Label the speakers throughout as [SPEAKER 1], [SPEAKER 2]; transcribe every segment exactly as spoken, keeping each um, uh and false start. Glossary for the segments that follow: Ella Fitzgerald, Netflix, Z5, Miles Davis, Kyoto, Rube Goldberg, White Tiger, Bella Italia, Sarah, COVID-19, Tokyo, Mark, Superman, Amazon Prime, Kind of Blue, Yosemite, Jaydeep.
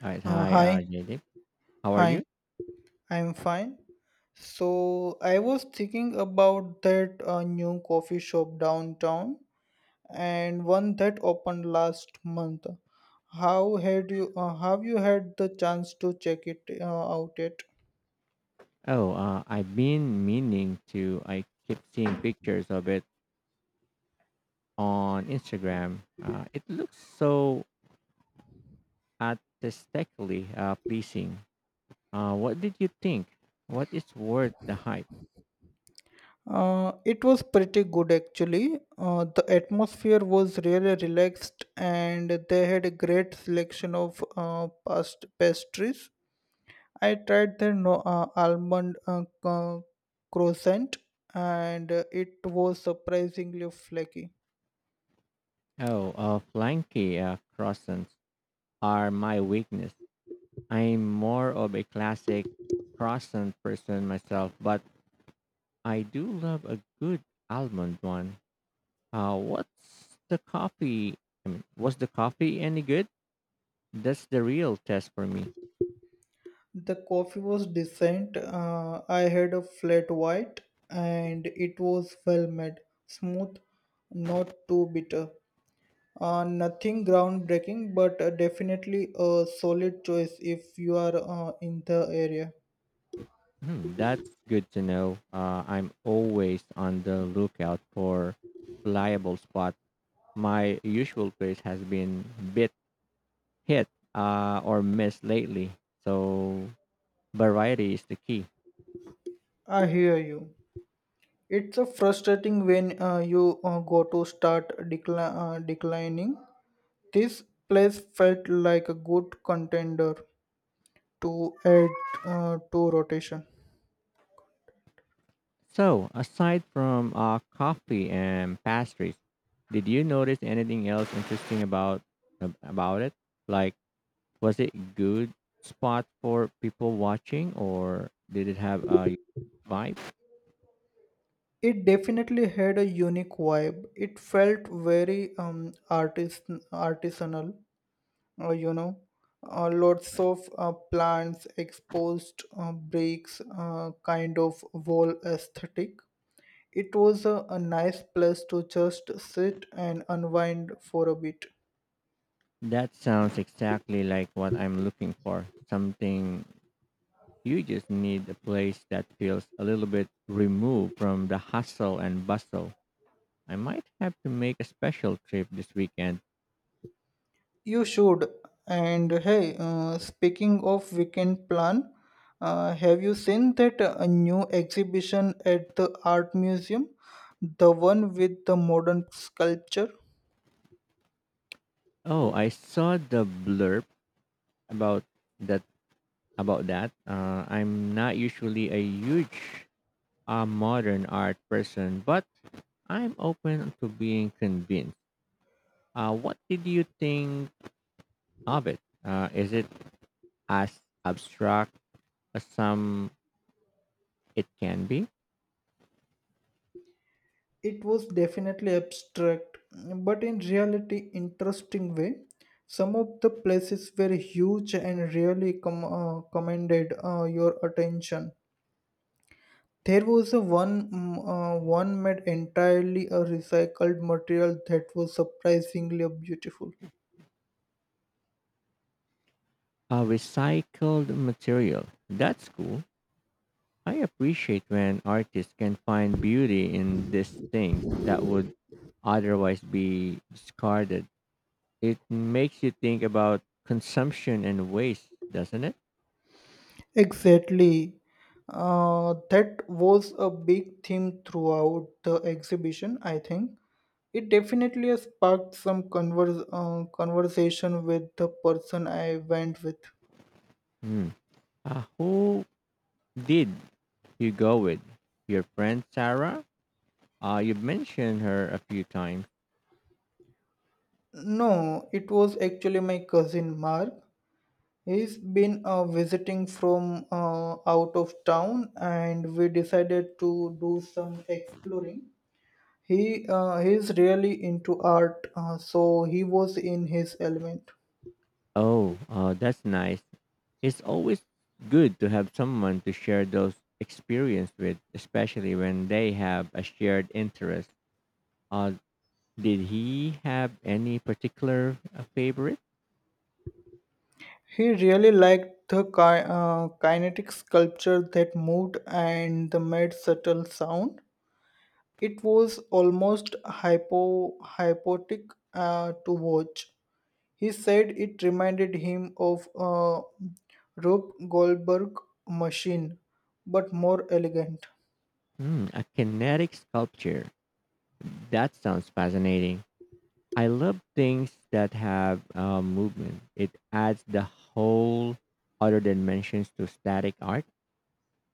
[SPEAKER 1] All right,
[SPEAKER 2] Uh,
[SPEAKER 1] hi, uh,
[SPEAKER 2] hi,
[SPEAKER 1] Jaydeep. How are
[SPEAKER 2] hi,
[SPEAKER 1] you?
[SPEAKER 2] I'm fine. So, I was thinking about that uh, new coffee shop downtown and one that opened last month. How had you uh, have you had the chance to check it uh, out yet?
[SPEAKER 1] Oh, uh, I've been meaning to. I keep seeing pictures of it on Instagram. Uh, it looks so aesthetically uh, pleasing. Uh, what did you think? What is worth the hype?
[SPEAKER 2] Uh, it was pretty good actually. Uh, the atmosphere was really relaxed and they had a great selection of uh, past pastries. I tried the no, uh, almond uh, co- croissant, and uh, it was surprisingly flaky.
[SPEAKER 1] Oh, uh, flanky uh, croissants are my weakness. I'm more of a classic croissant person myself, but I do love a good almond one. Uh, what's the coffee? I mean, was the coffee any good? That's the real test for me.
[SPEAKER 2] The coffee was decent. Uh, I had a flat white and it was well made, smooth, not too bitter. Uh, nothing groundbreaking, but uh, definitely a solid choice if you are uh, in the area.
[SPEAKER 1] Hmm, that's good to know. Uh, I'm always on the lookout for reliable spot. My usual place has been bit hit uh, or miss lately, so variety is the key.
[SPEAKER 2] I hear you. It's a frustrating when uh, you uh, go to start decli- uh, declining. This place felt like a good contender to add uh, to rotation.
[SPEAKER 1] So, aside from uh, coffee and pastries, did you notice anything else interesting about ab- about it? Like, was it good spot for people watching or did it have a vibe?
[SPEAKER 2] It definitely had a unique vibe. It felt very um, artis artisanal, uh, you know, uh, lots of uh, plants, exposed uh, bricks, uh, kind of wall aesthetic. It was a, a nice place to just sit and unwind for a bit.
[SPEAKER 1] That sounds exactly like what I'm looking for. Something you just need a place that feels a little bit removed from the hustle and bustle. I might have to make a special trip this weekend.
[SPEAKER 2] You should. And hey, uh, speaking of weekend plan, uh, have you seen that uh, new exhibition at the art museum? The one with the modern sculpture?
[SPEAKER 1] Oh, I saw the blurb about that about that. Uh, I'm not usually a huge uh, modern art person, but I'm open to being convinced. Uh, what did you think of it? Uh, is it as abstract as some it can be?
[SPEAKER 2] It was definitely abstract, but in reality, interesting way. Some of the places were huge and really com- uh, commanded uh, your attention. There was a one mm, uh, one made entirely a recycled material that was surprisingly beautiful.
[SPEAKER 1] A recycled material. That's cool. I appreciate when artists can find beauty in these things that would otherwise be discarded. It makes you think about consumption and waste, doesn't it?
[SPEAKER 2] Exactly. Uh, that was a big theme throughout the exhibition, I think. It definitely has sparked some converse, uh, conversation with the person I went with.
[SPEAKER 1] Hmm. Uh, who did you go with? Your friend Sarah? Uh, you mentioned her a few times.
[SPEAKER 2] No, it was actually my cousin Mark. He's been uh, visiting from uh, out of town, and we decided to do some exploring. He uh, he's really into art, uh, so he was in his element.
[SPEAKER 1] Oh, uh, that's nice. It's always good to have someone to share those experiences with, especially when they have a shared interest. Uh, did he have any particular uh, favorite?
[SPEAKER 2] He really liked the ki- uh, kinetic sculpture that moved and the made subtle sound. It was almost hypo hypotic uh, to watch. He said it reminded him of a Rube Goldberg machine, but more elegant.
[SPEAKER 1] Hmm, a kinetic sculpture. That sounds fascinating. I love things that have uh, movement. It adds the whole other dimensions to static art.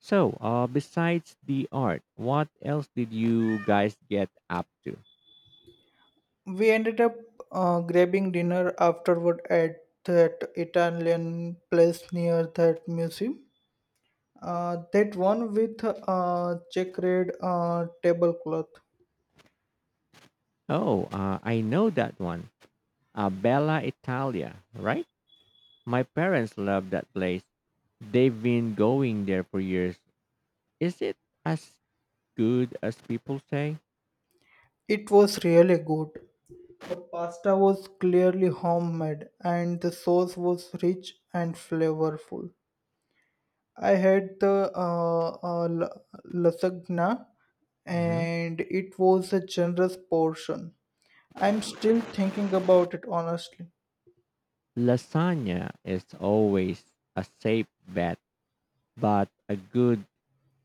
[SPEAKER 1] So, uh, besides the art, what else did you guys get up to?
[SPEAKER 2] We ended up uh, grabbing dinner afterward at that Italian place near that museum. Uh, that one with uh, checkered uh, tablecloth.
[SPEAKER 1] Oh, uh, I know that one. Uh, Bella Italia, right? My parents love that place. They've been going there for years. Is it as good as people say?
[SPEAKER 2] It was really good. The pasta was clearly homemade, and the sauce was rich and flavorful. I had the uh, uh, la- lasagna,
[SPEAKER 1] Hmm.
[SPEAKER 2] and it was a generous portion. I'm still thinking about it honestly.
[SPEAKER 1] Lasagna is always a safe bet, but a good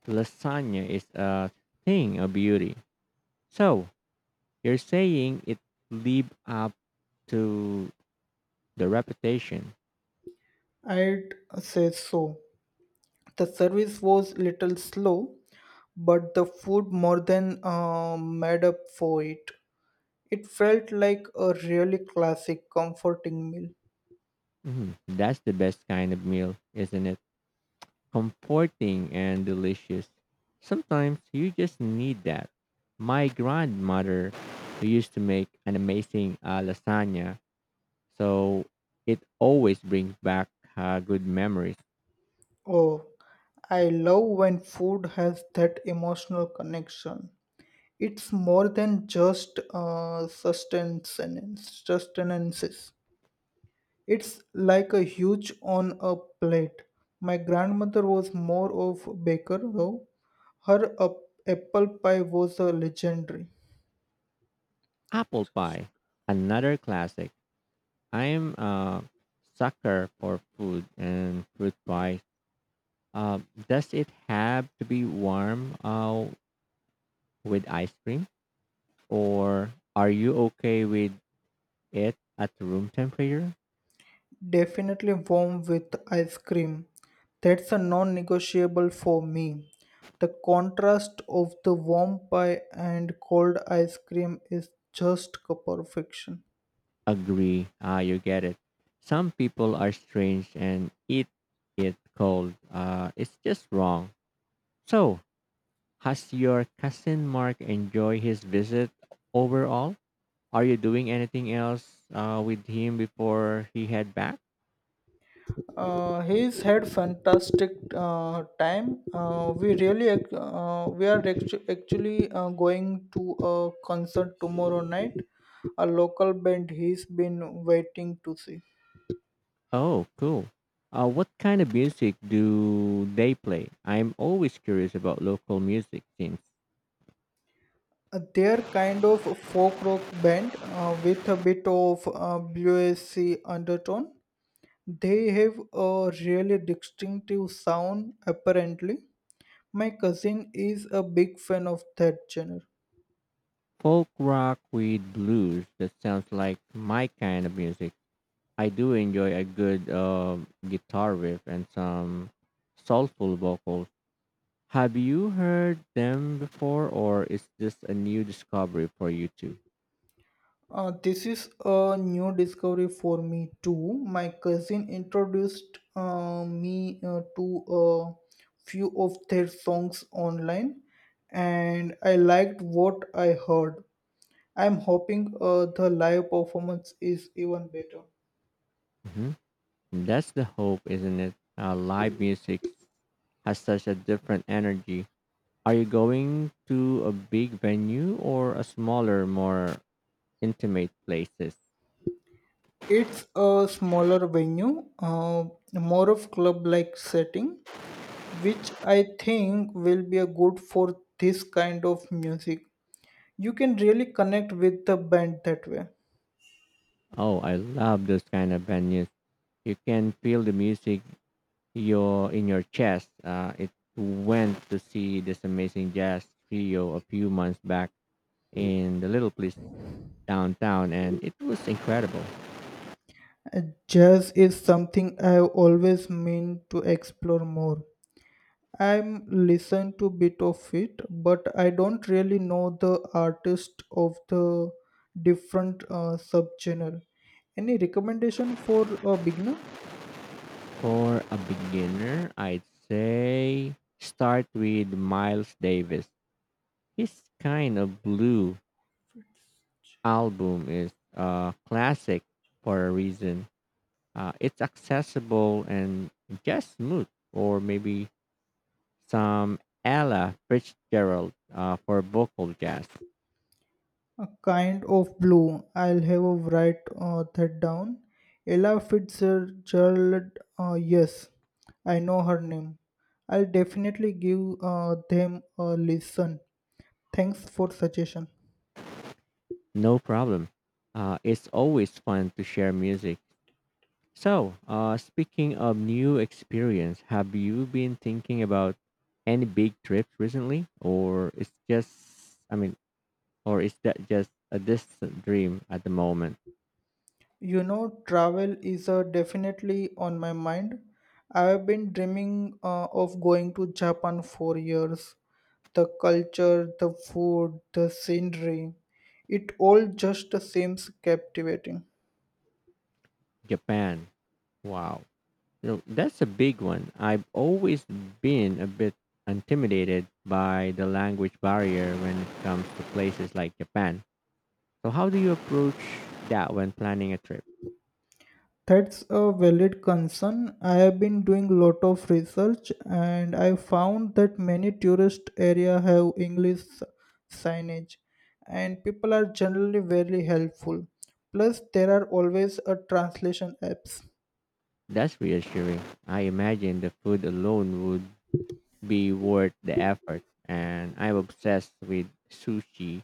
[SPEAKER 1] lasagna is a thing of beauty. So, you're saying it live up to the reputation.
[SPEAKER 2] I'd say so. The service was little slow, but the food more than uh, made up for it. It felt like a really classic, comforting meal.
[SPEAKER 1] Mhm. That's the best kind of meal, isn't it? Comforting and delicious. Sometimes you just need that. My grandmother used to make an amazing uh, lasagna, so it always brings back uh, good memories.
[SPEAKER 2] Oh, I love when food has that emotional connection. It's more than just uh, sustenance and sustenances. It's like a huge on a plate. My grandmother was more of a baker though. Her up- apple pie was a legendary.
[SPEAKER 1] Apple pie, another classic. I'm a sucker for food and fruit pie. Uh, does it have to be warm uh, with ice cream, or are you okay with it at room temperature?
[SPEAKER 2] Definitely warm with ice cream. That's a non-negotiable for me. The contrast of the warm pie and cold ice cream is just perfection.
[SPEAKER 1] Agree. Ah, you get it. Some people are strange and eat it cold. Uh, it's just wrong. So, has your cousin Mark enjoyed his visit overall? Are you doing anything else uh, with him before he head back?
[SPEAKER 2] Uh, he's had fantastic uh, time. Uh, we really ac- uh, we are actu- actually uh, going to a concert tomorrow night. A local band he's been waiting to see.
[SPEAKER 1] Oh, cool. Uh, what kind of music do they play? I'm always curious about local music scenes.
[SPEAKER 2] Uh, They're kind of a folk rock band uh, with a bit of uh, bluesy undertone. They have a really distinctive sound, apparently. My cousin is a big fan of that genre.
[SPEAKER 1] Folk rock with blues. That sounds like my kind of music. I do enjoy a good um guitar riff and some soulful vocals. Have you heard them before, or is this a new discovery for you too?
[SPEAKER 2] Uh, this is a new discovery for me too. My cousin introduced uh, me uh, to a few of their songs online, and I liked what I heard. I'm hoping uh, the live performance is even better.
[SPEAKER 1] Hmm. That's the hope, isn't it? Uh, live music has such a different energy. Are you going to a big venue or a smaller, more intimate places?
[SPEAKER 2] It's a smaller venue, uh, more of club-like setting, which I think will be a good for this kind of music. You can really connect with the band that way.
[SPEAKER 1] Oh, I love those kind of venues. You can feel the music your in your chest. Uh, it went to see this amazing jazz trio a few months back in the little place downtown, and it was incredible.
[SPEAKER 2] Uh, Jazz is something I've always meant to explore more. I'm listen to bit of it, but I don't really know the artist of the different uh, subgenre. Any recommendation for a beginner?
[SPEAKER 1] For a beginner, I'd say start with Miles Davis. His kind of blue album is a classic for a reason. Uh, it's accessible and just smooth, or maybe some Ella Fitzgerald uh, for vocal jazz.
[SPEAKER 2] A kind of blue. I'll have a write uh, that down. Ella Fitzgerald. Uh, yes, I know her name. I'll definitely give uh, them a listen. Thanks for suggestion.
[SPEAKER 1] No problem. Uh, it's always fun to share music. So, uh, speaking of new experience, have you been thinking about any big trips recently, or it's just, I mean, or is that just a distant dream at the moment?
[SPEAKER 2] You know, travel is uh, definitely on my mind. I have been dreaming uh, of going to Japan for years. The culture, the food, the scenery, it all just seems captivating.
[SPEAKER 1] Japan. Wow, you that's a big one. I've always been a bit intimidated by the language barrier when it comes to places like Japan. So, how do you approach that when planning a trip?
[SPEAKER 2] That's a valid concern. I have been doing lot of research and I found that many tourist area have English signage and people are generally very helpful. Plus there are always a translation apps.
[SPEAKER 1] That's reassuring. I imagine the food alone would be worth the effort, and I'm obsessed with sushi,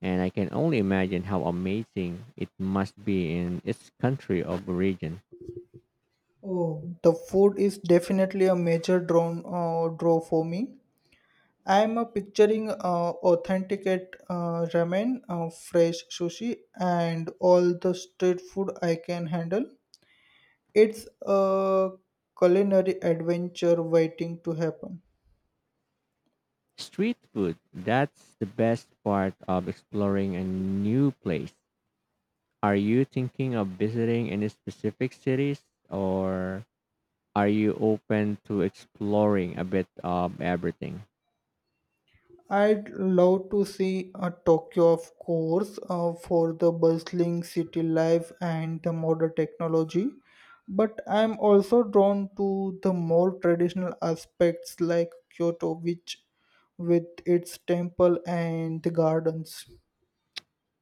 [SPEAKER 1] and I can only imagine how amazing it must be in its country of origin.
[SPEAKER 2] Oh, the food is definitely a major draw, uh, draw for me. I am uh, picturing uh, authenticate uh, ramen, uh, fresh sushi, and all the street food I can handle. It's a culinary adventure waiting to happen.
[SPEAKER 1] Street food, that's the best part of exploring a new place. Are you thinking of visiting any specific cities, or are you open to exploring a bit of everything?
[SPEAKER 2] I'd love to see a Tokyo, of course, uh, for the bustling city life and the modern technology, but I'm also drawn to the more traditional aspects like Kyoto, which with its temple and the gardens.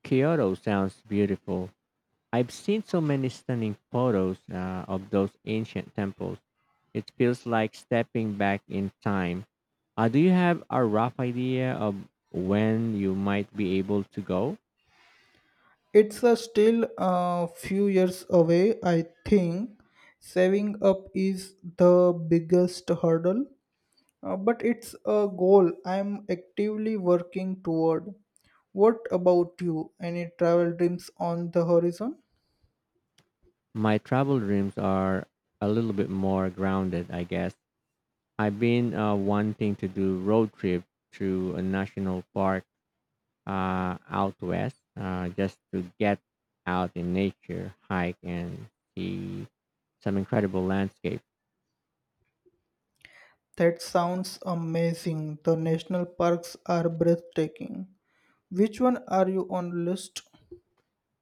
[SPEAKER 1] Kyoto sounds beautiful. I've seen so many stunning photos uh, of those ancient temples. It feels like stepping back in time. Uh, do you have a rough idea of when you might be able to go?
[SPEAKER 2] It's uh, still a few years away, I think. Saving up is the biggest hurdle, Uh, but it's a goal I'm actively working toward. What about you? Any travel dreams on the horizon?
[SPEAKER 1] My travel dreams are a little bit more grounded, I guess. I've been uh, wanting to do road trip through a national park uh, out west uh, just to get out in nature, hike, and see some incredible landscape.
[SPEAKER 2] That sounds amazing. The national parks are breathtaking. Which one are you on list?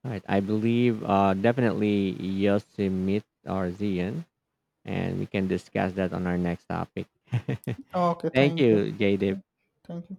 [SPEAKER 1] Right. I believe uh, definitely Yosemite R Z N, and we can discuss that on our next topic.
[SPEAKER 2] Okay,
[SPEAKER 1] Thank
[SPEAKER 2] thank you.
[SPEAKER 1] you, Jadip.
[SPEAKER 2] Thank thank you.